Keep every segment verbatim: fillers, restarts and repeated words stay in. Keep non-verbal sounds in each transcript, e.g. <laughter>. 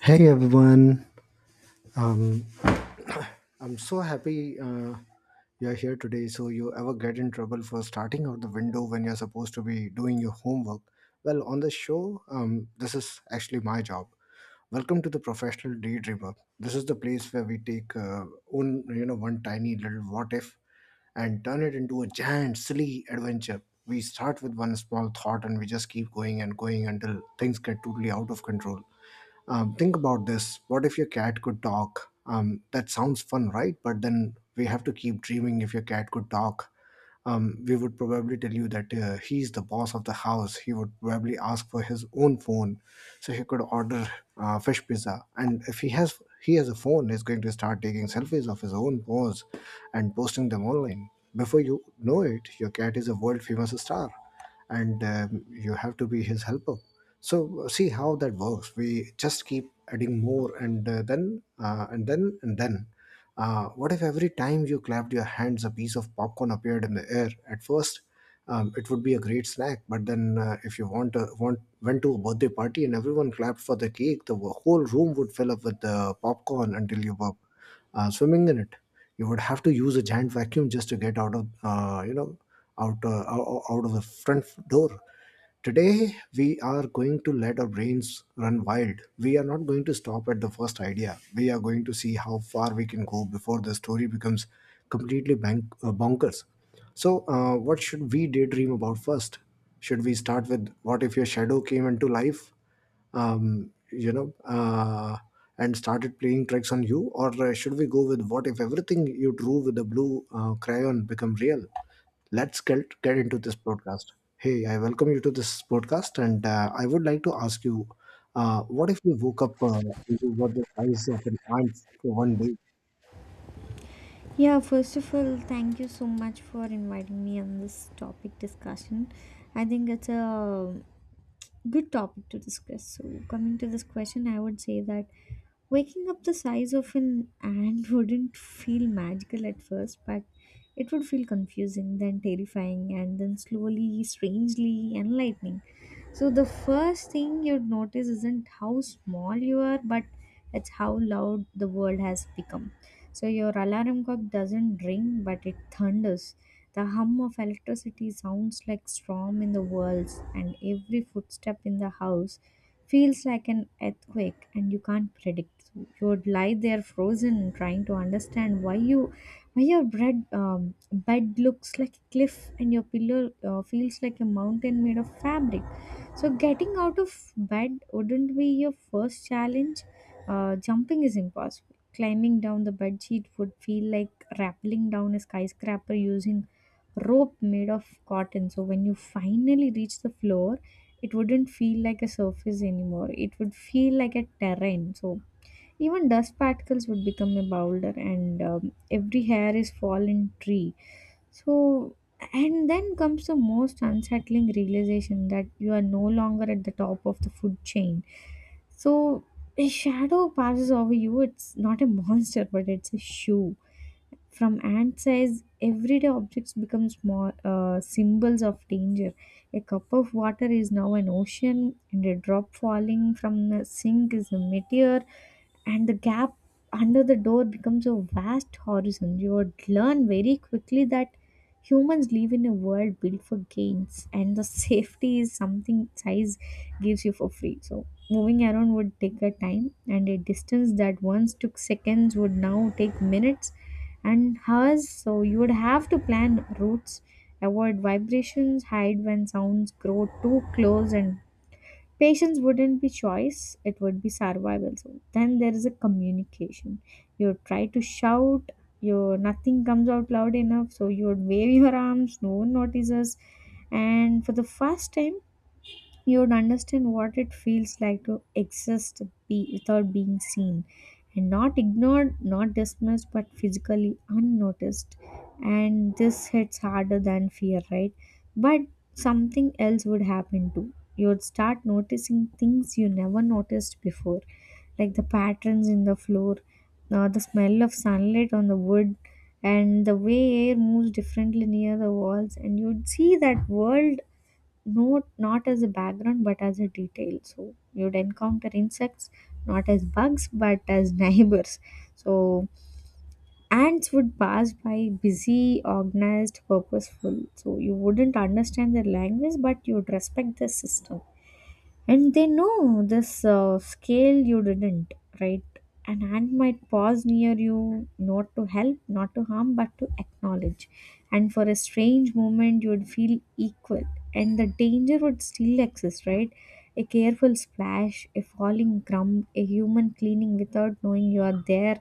Hey everyone, um, I'm so happy uh, you're here today. So, you ever get in trouble for starting out the window when you're supposed to be doing your homework? Well, on the show, um, this is actually my job. Welcome to the professional daydreamer. This is the place where we take uh, own, you know, one tiny little what if and turn it into a giant, silly adventure. We start with one small thought and we just keep going and going until things get totally out of control. Um, think about this. What if your cat could talk? Um, that sounds fun, right? But then we have to keep dreaming if your cat could talk, um, we would probably tell you that uh, he's the boss of the house. He would probably ask for his own phone, so he could order uh, fish pizza. And if he has he has a phone, he's going to start taking selfies of his own paws and posting them online. Before you know it, your cat is a world famous star, and um, you have to be his helper. So uh, see how that works. We just keep adding more, and uh, then uh, and then and then. Uh, what if every time you clapped your hands, a piece of popcorn appeared in the air? At first, um, it would be a great snack, but then uh, if you want, a, want went to a birthday party and everyone clapped for the cake, the whole room would fill up with the popcorn until you burp, uh, swimming in it. You would have to use a giant vacuum just to get out of, uh, you know out uh, ou- out of the front door. Today we are going to let our brains run wild. We are not going to stop at the first idea. We are going to see how far we can go before the story becomes completely bank- uh, bonkers. So, uh, what should we daydream about first? Should we start with what if your shadow came into life, um, you know, uh, and started playing tricks on you? Or uh, should we go with what if everything you drew with a blue uh, crayon become real? Let's get, get into this podcast. Hey, I welcome you to this podcast, and uh, I would like to ask you, uh, what if you woke up uh, and you were the size of an ant for one day? Yeah, first of all, thank you so much for inviting me on this topic discussion. I think it's a good topic to discuss. So, coming to this question, I would say that waking up the size of an ant <laughs> wouldn't feel magical at first, but it would feel confusing, then terrifying, and then slowly, strangely enlightening. So, the first thing you'd notice isn't how small you are, but it's how loud the world has become. So, your alarm clock doesn't ring, but it thunders the hum of electricity sounds like storm in the walls, and every footstep in the house feels like an earthquake, and you can't predict. You would lie there frozen, trying to understand why you, why your bed um, bed looks like a cliff, and your pillow uh, feels like a mountain made of fabric. So getting out of bed wouldn't be your first challenge. Uh, jumping is impossible. Climbing down the bed sheet would feel like rappelling down a skyscraper using rope made of cotton. So when you finally reach the floor, it wouldn't feel like a surface anymore. It would feel like a terrain. So even dust particles would become a boulder, and um, every hair is fallen tree. So and then comes the most unsettling realization that you are no longer at the top of the food chain. So a shadow passes over you. It's not a monster, but it's a shoe from ant size, everyday objects become small uh, symbols of danger. A cup of water is now an ocean, and a drop falling from the sink is a meteor, and the gap under the door becomes a vast horizon. You would learn very quickly that humans live in a world built for gains, and the <laughs> safety is something size gives you for free. So moving around would take a time and a distance that once took seconds would now take minutes and hers, so you would have to plan routes, avoid vibrations, hide when sounds grow too close. And patience wouldn't be choice, it would be survival. So then there is a communication. You try to shout, your nothing comes out loud enough. So you would wave your arms, no one notices. And for the first time, you'd understand what it feels like to exist, be, without being seen, and not ignored, not dismissed, but physically unnoticed. And this hits harder than fear, right? But something else would happen too. You'd start noticing things you never noticed before, like the patterns in the floor, uh, the smell of sunlight on the wood, and the way air moves differently near the walls. And you'd see that world not not as a background but as a detail. So you'd encounter insects not as bugs but as <laughs> neighbors. So ants would pass by busy, organized, purposeful. So you wouldn't understand their language, but you'd respect the system, and they know this uh, scale you didn't, right? An ant might pause near you, not to help, not to harm, but to acknowledge. And for a strange moment you would feel equal. And the danger would still exist, right? A careful splash, a falling crumb, a human cleaning without knowing you are there.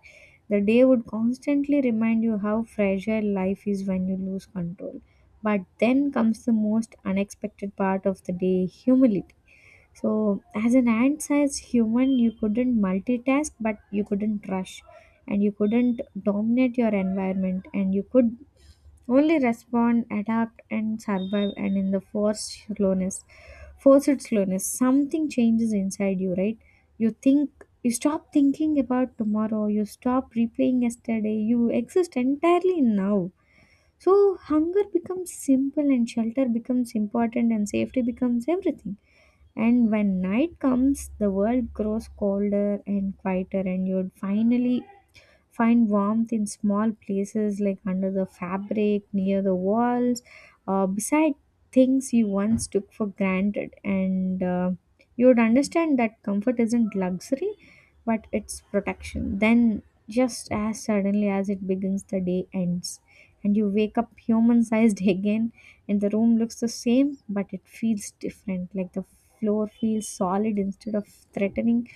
The day would constantly remind you how fragile life is when you lose control. But then comes the most unexpected part of the day, humility. So, as an ant-sized human, you couldn't multitask, but you couldn't rush, and you couldn't dominate your environment, and you could only respond, adapt, and survive. And in the forced slowness, forced slowness, something changes inside you, right? You think, you stop thinking about tomorrow, you stop replaying yesterday, you exist entirely in now. So, hunger becomes simple, and shelter becomes important, and safety becomes everything. And when night comes, the world grows colder and quieter, and you'd finally find warmth in small places like under the fabric, near the walls, uh, beside things you once took for granted. And uh, you would understand that comfort isn't luxury, but it's protection. Then, just as suddenly as it begins, the day ends. And you wake up human sized <laughs> again, and the room looks the same, but it feels different. Like the floor feels solid instead of threatening,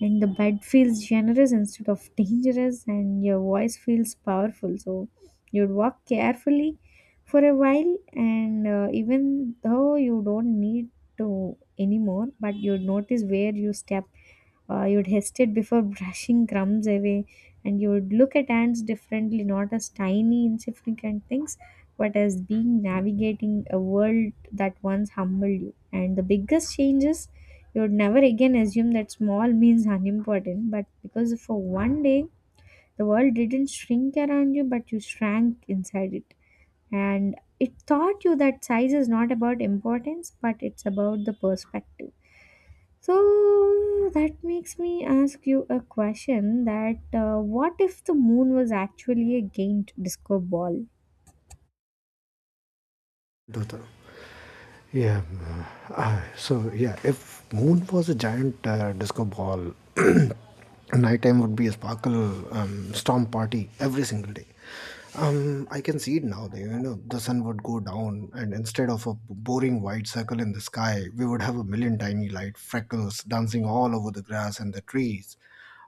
and the bed feels generous instead of <laughs> dangerous, and your voice feels powerful. So you'd walk carefully for a while, and uh, even though you don't need to anymore, but you'd notice where you step. Uh, you'd hesitate before <laughs> brushing crumbs away, and you would look at ants differently, not as tiny insignificant things but as being navigating a world that once humbled you. And the biggest changes, you would never again assume that small means unimportant, but because for one day the world didn't shrink around you, but you shrank inside it. And it taught you that size is not about importance, but it's about the perspective. So that makes me ask you a question that uh, what if the moon was actually a giant disco ball? Dhruta. Yeah. uh, uh, so yeah, if moon was a giant uh, disco ball, <clears throat> nighttime would be a sparkle um, storm party every single day. Um, I can see it now. that, You know, the sun would go down, and instead of a boring white circle in the sky, we would have a million tiny light freckles dancing all over the grass and the trees.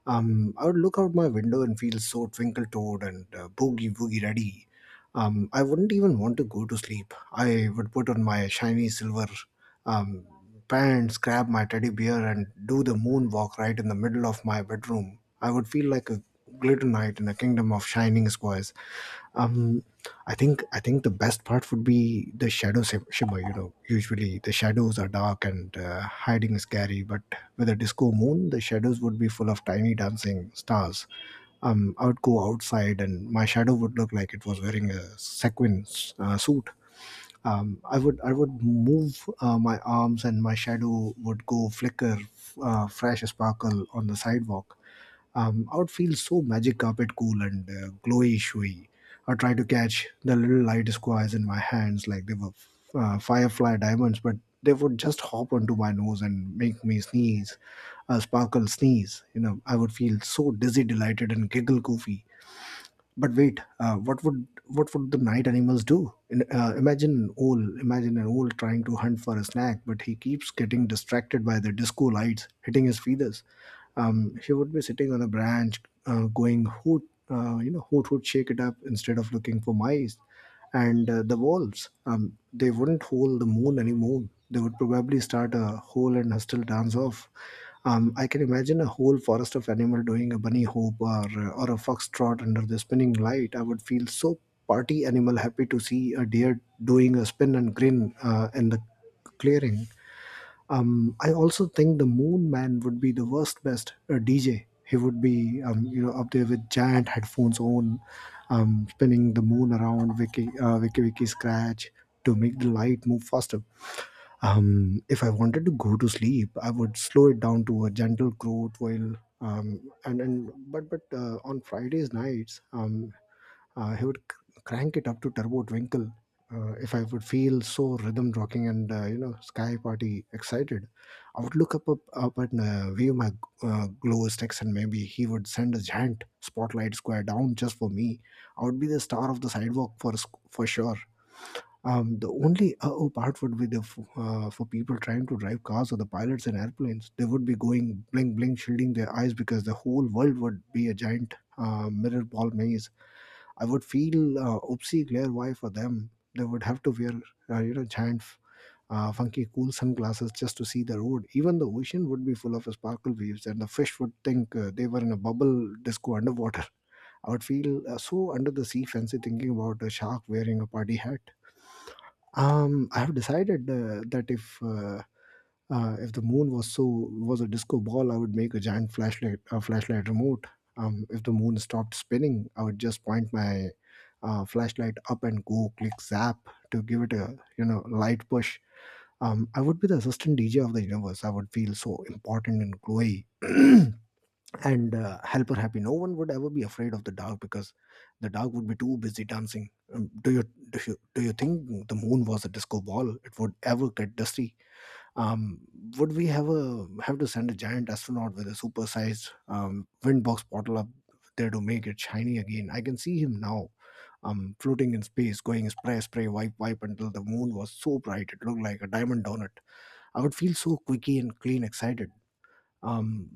Um, I would look out my window and feel so twinkle toed and uh, boogie woogie ready. Um, I wouldn't even want to go to sleep. I would put on my shiny silver um, pants, grab my teddy bear, and do the moonwalk right in the middle of my bedroom. I would feel like a glitter knight in a kingdom of shining squares. Um i think i think the best part would be the shadow shim- shimmer. You know, usually the shadows are dark and uh, hiding is scary, but with a disco moon the shadows would be full of tiny dancing stars. um I would go outside and my shadow would look like it was wearing a sequin uh, suit. um, I would I would move uh, my arms and my shadow would go flicker, uh, fresh sparkle on the sidewalk. um, I would feel so magic carpet cool and uh, glowy showy. I try to catch the little light squares in my hands like they were uh, firefly diamonds, but they would just hop onto my nose and make me sneeze, a sparkle sneeze. You know, I would feel so dizzy, delighted, and giggle goofy. But wait, uh, what would what would the night animals do? In, uh, imagine an owl. Imagine an owl trying to hunt for a snack, but he keeps getting distracted by the disco lights hitting his feathers. Um, he would be sitting on a branch, uh, going hoot, uh, you know, hoot hoot, shake it up, instead of looking for mice. And uh, the wolves, um, they wouldn't hold the moon anymore. They would probably start a whole and hostile dance off. um, I can imagine a whole forest of animal doing a bunny hop, or, uh, or a foxtrot under the spinning light. I would feel so party animal happy to see a deer doing a spin and grin uh, in the clearing. um, I also think the Moon Man would be the worst best uh, D J. He would be, um, you know, up there with giant headphones on, um, spinning the moon around Wiki, uh, Wiki Wiki Scratch to make the light move faster. Um, if I wanted to go to sleep, I would slow it down to a gentle growth while. Um, and and but but uh, On Fridays nights, um, uh, he would c- crank it up to turbo twinkle. Uh, if I would feel so rhythm rocking and, uh, you know, sky party excited. I would look up up, up and uh, view my uh, glow sticks, and maybe he would send a giant spotlight square down just for me. I would be the star of the sidewalk for s- for sure. Um, the only uh-oh part would be the f- uh, for people trying to drive cars or the pilots in airplanes. They would be going bling bling, shielding their eyes because the whole world would be a giant uh, mirror ball maze. I would feel, uh, oopsie glare why for them. They would have to wear, uh, you know, giant uh, funky cool sunglasses just to see the road. Even the ocean would be full of sparkle waves, and the fish would think uh, they were in a bubble disco underwater. <laughs> I would feel, uh, so under the sea fancy thinking about a shark wearing a party hat. Um, I have decided uh, that if uh, uh, if the moon was so was a disco ball, I would make a giant flashlight a flashlight remote. Um, if the moon stopped spinning, I would just point my uh, flashlight up and go click zap to give it a, you know, light push. Um, I would be the assistant D J of the universe. I would feel so important and glowy, <clears throat> and uh, helper happy. No one would ever be afraid of the dark because the dark would be too busy dancing. Um, do you do you do you think the moon was a disco ball? It would ever get dusty? um, would we have a have to send a giant astronaut with a supersized um, windbox bottle up there to make it shiny again? I can see him now, um, floating in space, going spray, spray, wipe, wipe until the moon was so bright it looked like a diamond donut. I would feel so quicky and clean, excited. Um,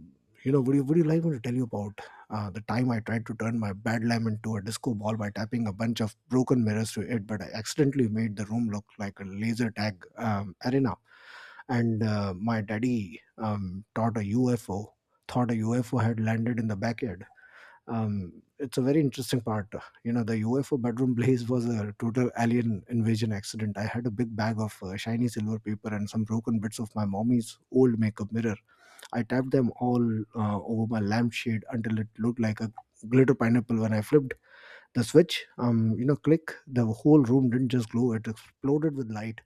you know, would you would you like me to tell you about uh, the time I tried to turn my bad lamp into a disco ball by tapping a bunch of broken mirrors to it, but I accidentally made the room look like a laser tag um, arena. And uh, my daddy um, taught a U F O, thought a U F O had landed in the backyard. Um, it's a very interesting part. You know, the U F O bedroom <laughs> blaze was a total alien invasion accident. I had a big bag of uh, shiny silver paper and some broken bits of my mommy's old makeup mirror. I tapped them all uh, over my lampshade until it looked like a glitter pineapple. When I flipped the switch, Um, you know, click. The whole room didn't just glow; it exploded with light.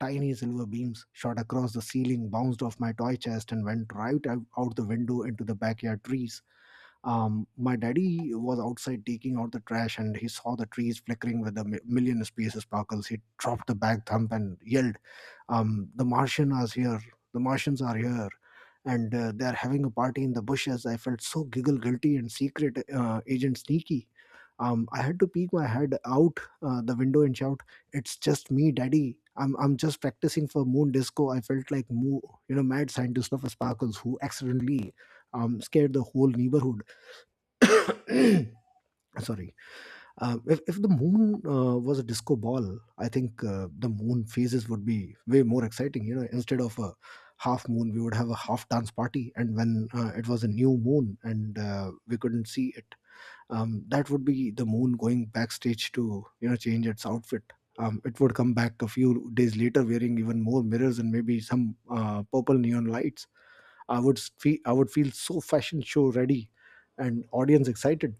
Tiny silver beams shot across the ceiling, bounced off my toy chest, and went right out out the window into the backyard trees. Um, my daddy was outside taking out the trash, and he saw the trees flickering with a mi- million space sparkles. He dropped the bag thump and yelled, um, the Martian is here. "The Martians are here, and uh, they are having a party in the bushes." I felt so giggle guilty and secret, uh, agent sneaky. Um, I had to peek my head out uh, the window and shout, "It's just me, Daddy! I'm I'm just practicing for Moon Disco." I felt like Moo, you know, mad scientist of Sparkles who accidentally um, scared the whole neighborhood. <coughs> Sorry. Um, if, if the moon uh, was a disco ball, I think uh, the moon phases would be way more exciting. You know, instead of a half moon, we would have a half dance party. And when uh, it was a new moon and uh, we couldn't see it, um, that would be the moon going backstage to you know change its outfit. Um, it would come back a few days later wearing even more mirrors and maybe some uh, purple neon lights. I would feel I would feel so fashion show ready and audience excited.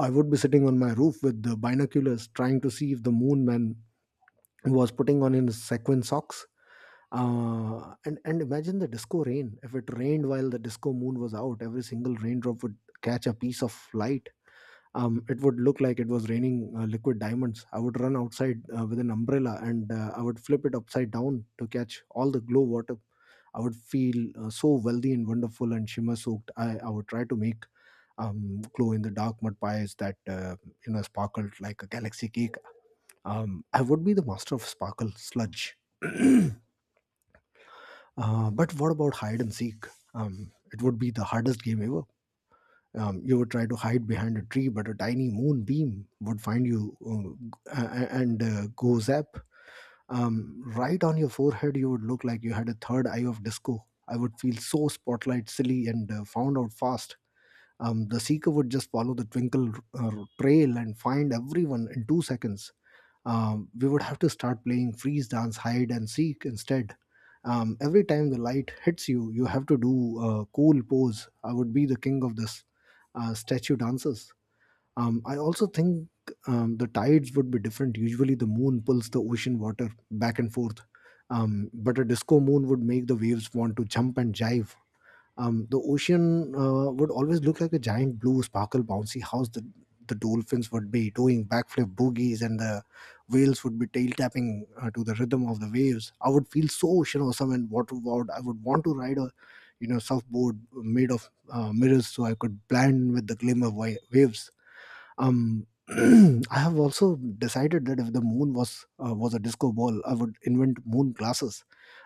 I would be sitting on my roof with the binoculars trying to see if the moon man was putting on his sequin socks. Uh, and, and imagine the disco rain. If it rained while the disco moon was out, every single raindrop would catch a piece of light. Um, it would look like it was raining uh, liquid diamonds. I would run outside uh, with an umbrella and uh, I would flip it upside down to catch all the glow water. I would feel uh, so wealthy and wonderful and shimmer soaked. I, I would try to make um, glow in the dark mud pies that uh, you know sparkled like a galaxy cake. Um, I would be the master of sparkle sludge. <clears throat> uh, but what about hide and seek? Um, it would be the hardest game ever. Um, you would try to hide behind a tree, but a tiny moonbeam would find you uh, a- a- and uh, go zap. Um, right on your forehead, you would look like you had a third eye of disco. I would feel so spotlight silly and uh, found out fast. Um, the seeker would just follow the twinkle uh, trail and find everyone in two seconds. Um, we would have to start playing freeze dance, hide, and seek instead. Um, every time the light hits you, you have to do a cool pose. I would be the king of this uh, statue dances. Um, I also think um, the tides would be different. Usually, the moon pulls the ocean water back and forth, um, but a disco moon would make the waves want to jump and jive. Um, the ocean uh, would always look like a giant blue sparkle bouncy house. The, the dolphins would be doing backflip boogies, and the whales would be tail tapping uh, to the rhythm of the waves. I would feel so ocean awesome and water wowed. I would want to ride a you know surfboard made of uh, mirrors so I could blend with the glimmer wa- waves. Um, <clears throat> I have also decided that if the moon was uh, was a disco ball, I would invent moon glasses.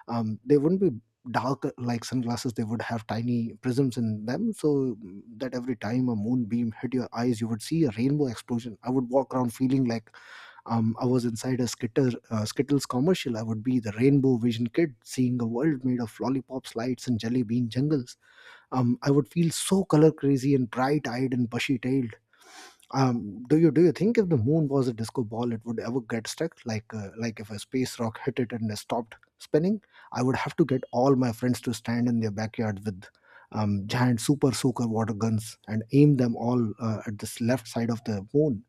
Um, they wouldn't be dark like sunglasses; they would have tiny prisms in them, so that every time a moonbeam hit your eyes, you would see a rainbow explosion. I would walk around feeling like um, I was inside a Skitter, uh, Skittles commercial. I would be the rainbow vision kid, seeing a world made of lollipops, lights, and jelly bean jungles. Um, I would feel so color crazy and bright eyed and bushy tailed. Um, do you do you think if the moon was a disco ball, it would ever get stuck? Like uh, like if a space rock hit it and it stopped spinning, I would have to get all my friends to stand in their backyard with um, giant super soaker water guns and aim them all uh, at this left side of the moon.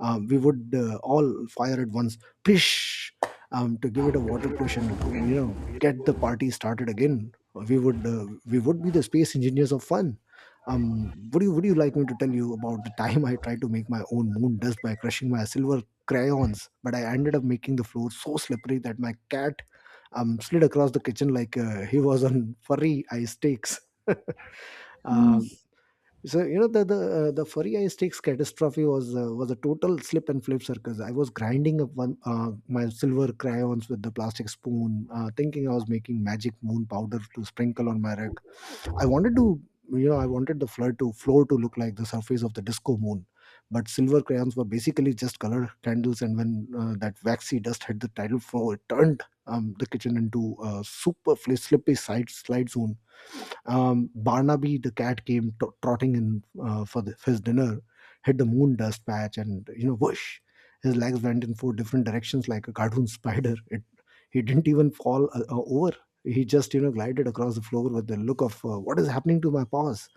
Um, we would uh, all fire at once, pish, um, to give it a water push and you know get the party started again. We would uh, we would be the space engineers of fun. Um, would you would you like me to tell you about the time I tried to make my own moon dust by crushing my silver crayons, but I ended up making the floor so slippery that my cat um slid across the kitchen like uh, he was on <laughs> furry ice stakes. <laughs> Hmm. Um, so you know the the uh, the furry ice stakes catastrophe was uh, was a total slip and flip circus. I was grinding up one uh, my silver crayons with the plastic spoon, uh, thinking I was making magic moon powder to sprinkle on my rug. I wanted to, you know, I wanted the floor to floor to look like the surface of the disco moon, but silver crayons were basically just color candles. And when uh, that waxy dust hit the tile floor, it turned um, the kitchen into a super fli- slippy side slide zone. Um, Barnaby the cat came t- trotting in uh, for the, his dinner, hit the moon dust patch, and, you know, whoosh, his legs went in four different directions like a cartoon <laughs> spider. It He didn't even fall uh, uh, over. He just, you know, glided across the floor with the look of, uh, what is happening to my paws?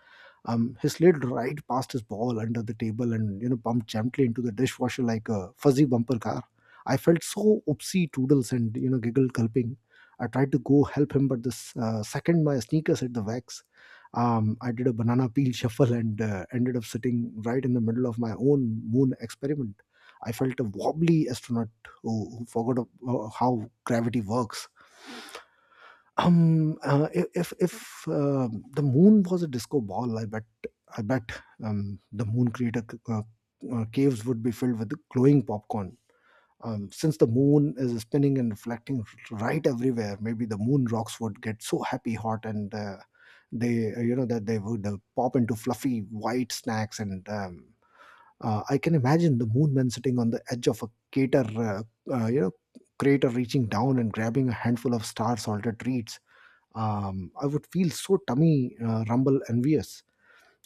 Um, he slid right past his ball under the table and, you know, bumped gently into the dishwasher like a fuzzy bumper car. I felt so oopsie toodles and, you know, giggled gulping. I tried to go help him, but the s- uh, second my sneakers hit the wax, um, I did a banana peel <laughs> shuffle and uh, ended up sitting right in the middle of my own moon experiment. I felt a wobbly astronaut who, who forgot uh, how gravity works. Um, uh, i- if if uh, the moon was a disco ball, I bet I bet um, the moon crater c- uh, uh, caves would be filled with glowing popcorn. Um, since the moon is spinning and reflecting r- right everywhere, maybe the moon rocks would get so happy hot and uh, they uh, you know, that they would uh, pop into fluffy white snacks, and um, uh, I can imagine the moon man sitting on the edge of a crater, uh, uh, you know, crater, reaching down and grabbing a handful of star salted treats. um, I would feel so tummy uh, rumble envious.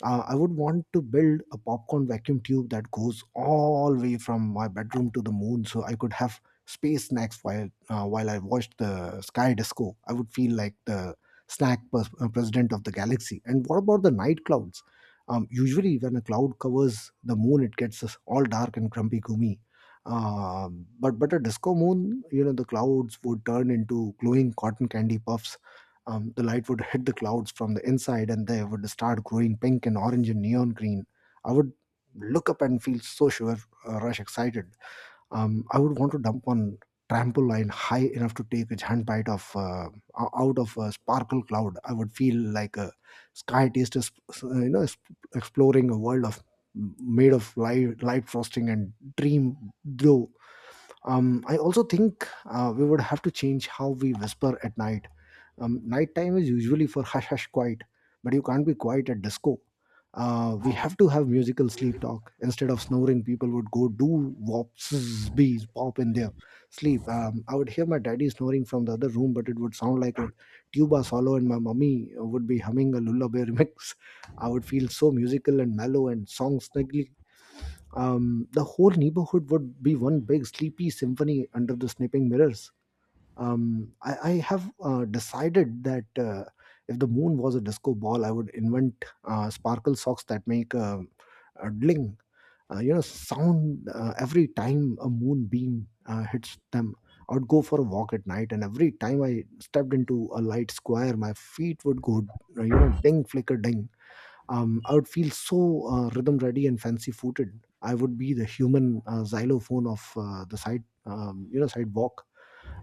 Uh, I would want to build a popcorn vacuum tube that goes all way from my bedroom to the moon, so I could have space snacks while uh, while I watched the sky disco. I would feel like the snack pers- uh, president of the galaxy. And what about the night clouds? Um, usually, when a cloud covers the moon, it gets us all dark and grumpy, gloomy. Um, but but a disco moon, you know, the clouds would turn into glowing cotton candy puffs. Um, the light would hit the clouds from the inside and they would start growing pink and orange and neon green. I would look up and feel so sure, uh, rush excited. Um, I would want to dump on trampoline high enough to take a giant bite of uh, o- out of a sparkle cloud. I would feel like a sky taster, sp- uh, you know, sp- exploring a world of made of light, light frosting and dream glow. um, I also think uh, we would have to change how we whisper at night. Um, nighttime is usually for hush hush quiet, but you can't be quiet at disco. Uh, we have to have musical sleep talk. Instead of snoring, people would go do wop, zzz, bees, pop in their sleep. Um, I would hear my daddy snoring from the other room, but it would sound like a tuba solo, and my mummy would be humming a lullaby <laughs> remix. I would feel so musical and mellow, and songs snugly. Um, the whole neighborhood would be one big sleepy symphony under the snapping mirrors. Um, I, I have uh, decided that uh, if the moon was a disco ball, I would invent uh, sparkle socks that make um a dling, uh, you know, sound uh, every time a moonbeam uh, hits them. I would go for a walk at night, and every time I stepped into a light square, my feet would go, you know, ding, flicker, ding. um, I would feel so uh, rhythm ready and fancy footed. I would be the human uh, xylophone of uh, the side, um, you know, sidewalk.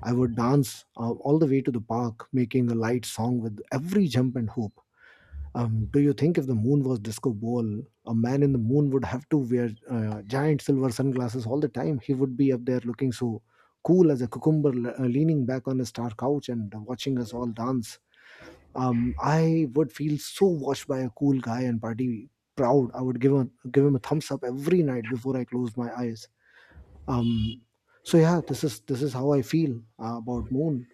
I would dance uh, all the way to the park, making a light song with every jump and hoop. Um, do you think if the moon was disco ball, a man in the moon would have to wear uh, giant silver sunglasses all the time? He would be up there looking so cool as a cucumber, le- uh, leaning back on his star couch and watching us all dance. um, I would feel so watched by a cool guy and party proud. I would give him give him a thumbs up every night before I close my eyes. Um, so yeah, this is this is how I feel uh, about Moon,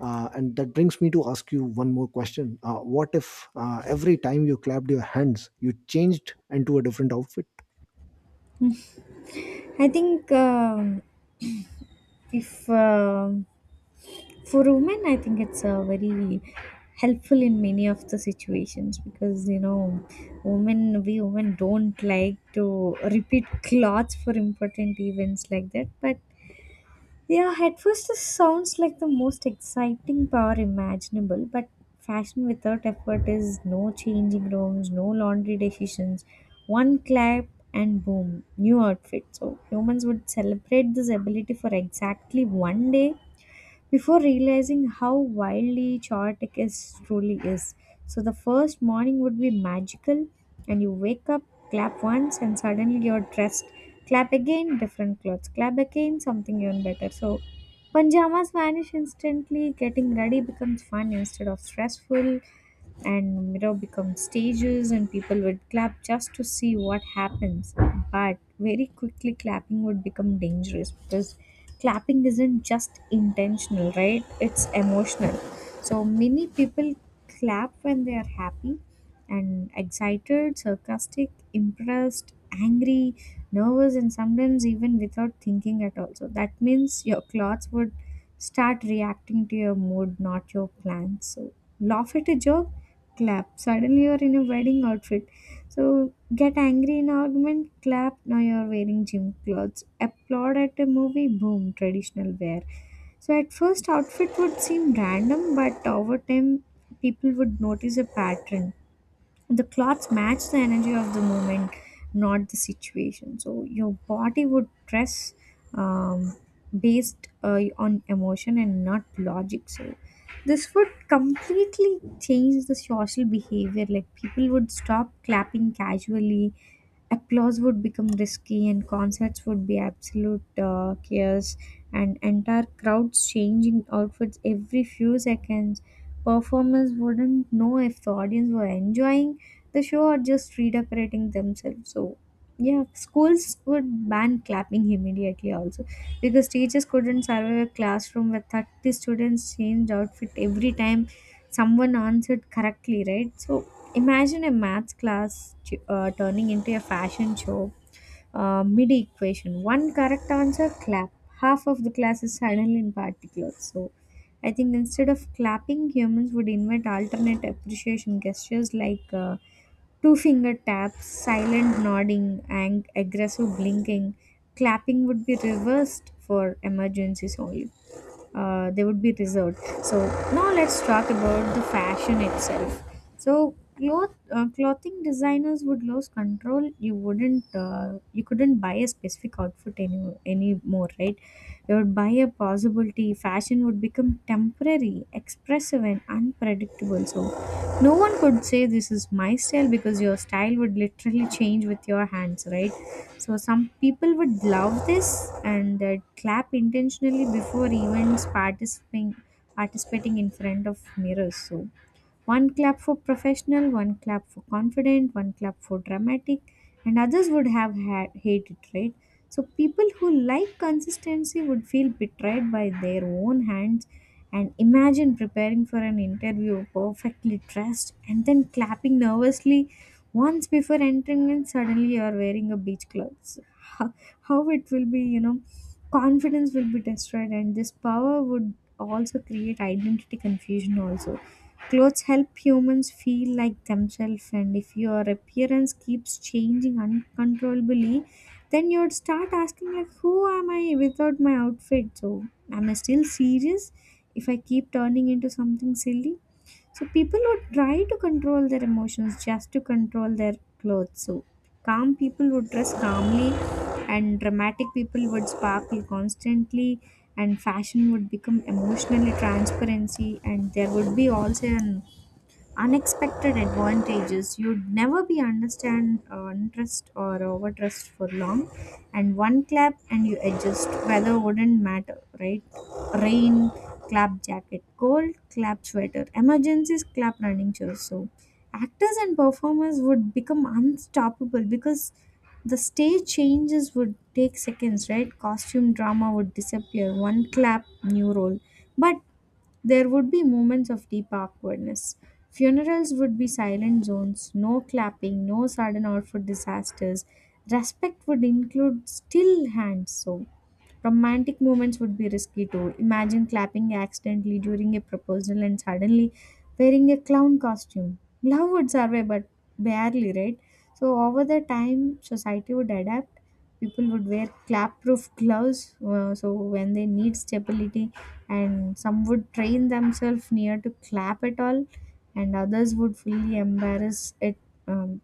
uh, and that brings me to ask you one more question. Uh, what if uh, every time you clapped your hands, you changed into a different outfit? I think um if um for women I think it's uh, very helpful in many of the situations because you know women we women don't like to repeat cloths for important events like that. But yeah, at first this sounds like the most exciting power imaginable, but fashion without effort is no changing rooms, no laundry decisions, one clap and boom, new outfit. So humans would celebrate this ability for exactly one day before realizing how wildly chaotic it truly is. So the first morning would be magical, and you wake up, clap once, and suddenly you're dressed. Clap again, different clothes. Clap again, something even better. So pajamas vanish instantly, getting ready becomes fun instead of stressful, and mirror becomes stages, and people would clap just to see what happens. But very quickly clapping would become dangerous, because clapping isn't just intentional, right? It's emotional. So many people clap when they are happy and excited, sarcastic, impressed, angry, nervous, and sometimes even without thinking at all. So that means your clothes would start reacting to your mood, not your plans. So laugh at a joke, clap. Suddenly you're in a wedding outfit. So get angry in argument, clap, now you're wearing gym clothes. Applaud at a movie, boom, traditional wear. So at first, outfit would seem random, but over time, people would notice a pattern. The clothes match the energy of the moment, not the situation. So your body would dress um, based uh, on emotion and not logic. So this would completely change the social behavior. Like people would stop clapping casually, applause would become risky, and concerts would be absolute uh, chaos, and entire crowds changing outfits every few seconds, performers wouldn't know if the audience were enjoying the show or just redecorating themselves. So yeah, schools would ban clapping immediately also, because teachers couldn't survive a classroom where thirty students changed outfit every time someone answered correctly, right? So imagine a math class t- uh, turning into a fashion show. Uh, midi equation. One correct answer, clap. Half of the class is silently in party clothes. So, I think instead of clapping, humans would invent alternate appreciation gestures like uh, two finger taps, silent nodding, and aggressive blinking. Clapping would be reversed for emergencies only, uh, they would be reserved. So now let's talk about the fashion itself. So cloth uh, clothing designers would lose control. You wouldn't uh, you couldn't buy a specific outfit any anymore, right? You would buy a possibility. Fashion would become temporary, expressive, and unpredictable. So no one could say this is my style because your style would literally change with your hands, right? So some people would love this, and they'd clap intentionally before even participating participating in front of mirrors. So one clap for professional, one clap for confident, one clap for dramatic, and others would have had, hated, right? So people who like consistency would feel betrayed by their own hands. And imagine preparing for an interview perfectly dressed and then clapping nervously once before entering, and suddenly you are wearing a beach clothes. How, how it will be, you know, confidence will be destroyed, and this power would also create identity confusion also. Clothes help humans feel like themselves, and if your appearance keeps changing uncontrollably, then you'd start asking like, "Who am I without my outfit?" So, am I still serious if I keep turning into something silly? So people would try to control their emotions just to control their clothes. So calm people would dress calmly, and dramatic people would sparkle constantly, and fashion would become emotionally transparency, and there would be also an unexpected advantages. You'd never be understand uh, interest or overtrust for long, and one clap and you adjust. Weather wouldn't matter, right? Rain, clap jacket. Cold, clap sweater. Emergencies, clap running shoes. So actors and performers would become unstoppable, because the stage changes would take seconds, right? Costume drama would disappear, one clap, new role. But there would be moments of deep awkwardness. Funerals would be silent zones, no clapping, no sudden outfit disasters. Respect would include still hands. So romantic moments would be risky too. Imagine clapping accidentally during a proposal and suddenly wearing a clown costume. Love would survive, but barely, right? So, over the time, society would adapt. People would wear clap proof gloves, uh, so when they need stability, and some would train themselves near to clap at all, and others would fully embarrass it um,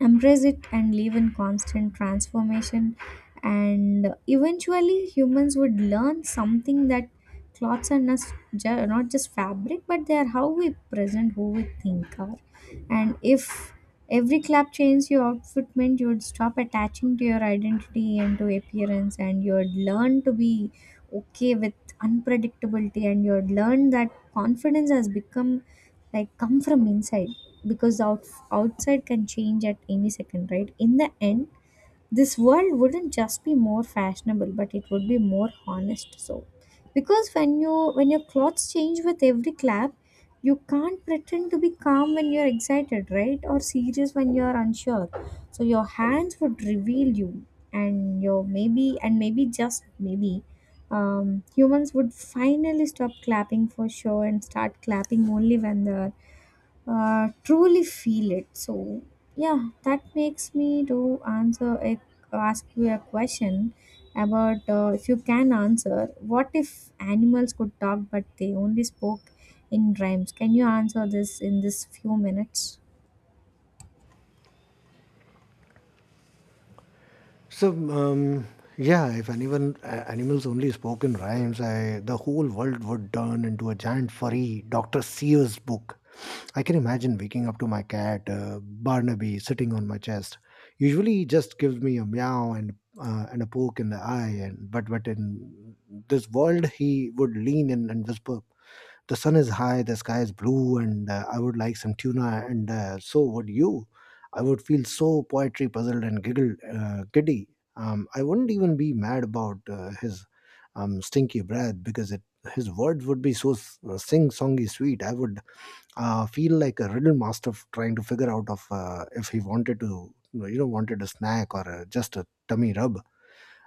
embrace it and live in constant transformation. And eventually humans would learn something, that clothes are not, ju- not just fabric, but they are how we present who we think are. And if every clap changed your outfit meant you would stop attaching to your identity and to appearance, and you would learn to be okay with unpredictability. And you would learn that confidence has become like come from inside, because out, outside can change at any second, right? In the end, this world wouldn't just be more fashionable, but it would be more honest. So because when you when your clothes change with every clap, you can't pretend to be calm when you're excited, right, or serious when you're unsure. So your hands would reveal you. And your maybe, and maybe just maybe, um, humans would finally stop clapping for show and start clapping only when the uh, truly feel it. So, yeah, that makes me to answer a, ask you a question about uh, if you can answer what if animals could talk but they only spoke in rhymes. Can you answer this in this few minutes? So um, yeah, if anyone uh, animals only spoke in rhymes, I the whole world would turn into a giant furry Doctor Sears book. I can imagine waking up to my cat uh, Barnaby sitting on my chest. Usually, he just gives me a meow and uh, and a poke in the eye, and but but in this world, he would lean in and whisper, "The sun is high, the sky is blue, and uh, I would like some tuna, and uh, so would you." I would feel so poetry puzzled and giggled, uh, giddy. Um, I wouldn't even be mad about uh, his um, stinky breath because it, his words would be so s- uh, sing-songy sweet. I would uh, feel like a riddle master f- trying to figure out of uh, if he wanted to, you know, wanted a snack or uh, just a tummy rub.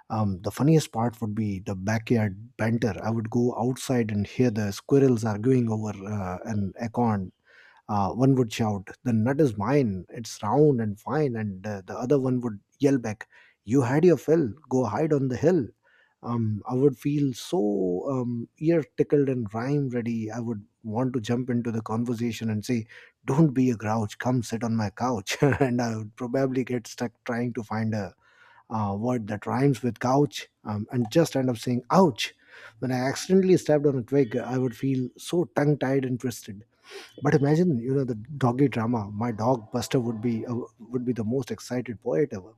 Um, the funniest part would be the backyard banter. I would go outside and hear the squirrels arguing over uh, an acorn. Uh, one would shout, "The nut is mine, it's round and fine." And uh, the other one would yell back, "You had your fill, go hide on the hill." Um, I would feel so um, ear tickled and rhyme ready. I would want to jump into the conversation and say, "Don't be a grouch, come sit on my couch." <laughs> And I would probably get stuck trying to find a uh, word that rhymes with couch um, and just end up saying ouch. When I accidentally stepped on a twig, I would feel so tongue tied and twisted. But imagine, you know, the doggy drama. My dog Buster would be uh, would be the most excited poet ever.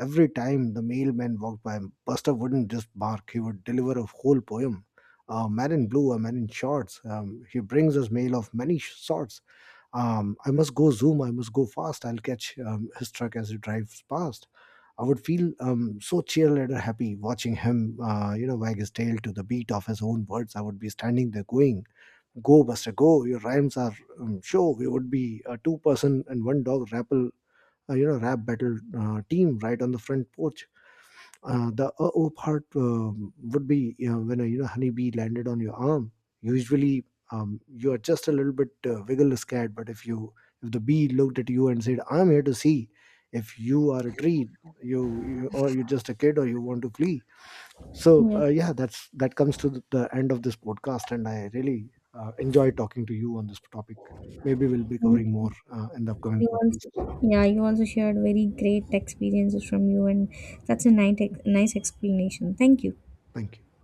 Every time the mailman walked by, Buster wouldn't just bark; he would deliver a whole poem. "A man in blue, a man in shorts. Um, he brings us mail of many sh- sorts. Um, I must go zoom. I must go fast. I'll catch um, his truck as he drives past." I would feel um, so cheerleader happy watching him, uh, you know, wag his tail to the beat of his own words. I would be standing there going, "Go, Buster, go! Your rhymes are um, show." We would be a two-person and one-dog rappel, uh, you know, rap battle uh, team right on the front porch. Uh, the uh-oh part um would be, you know, when a, you know, honeybee landed on your arm. Usually, um, you are just a little bit uh, wiggle scared, but if you if the bee looked at you and said, "I'm here to see, if you are a tree, you, you or you're just a kid or you want to flee." So uh, Yes. yeah, that's that comes to the the end of this podcast, and I really uh, enjoy talking to you on this topic. Maybe we'll be Thank covering more you. uh, in the upcoming You podcasts. also, yeah, you also shared very great experiences from you, and that's a nice, nice explanation. Thank you. Thank you.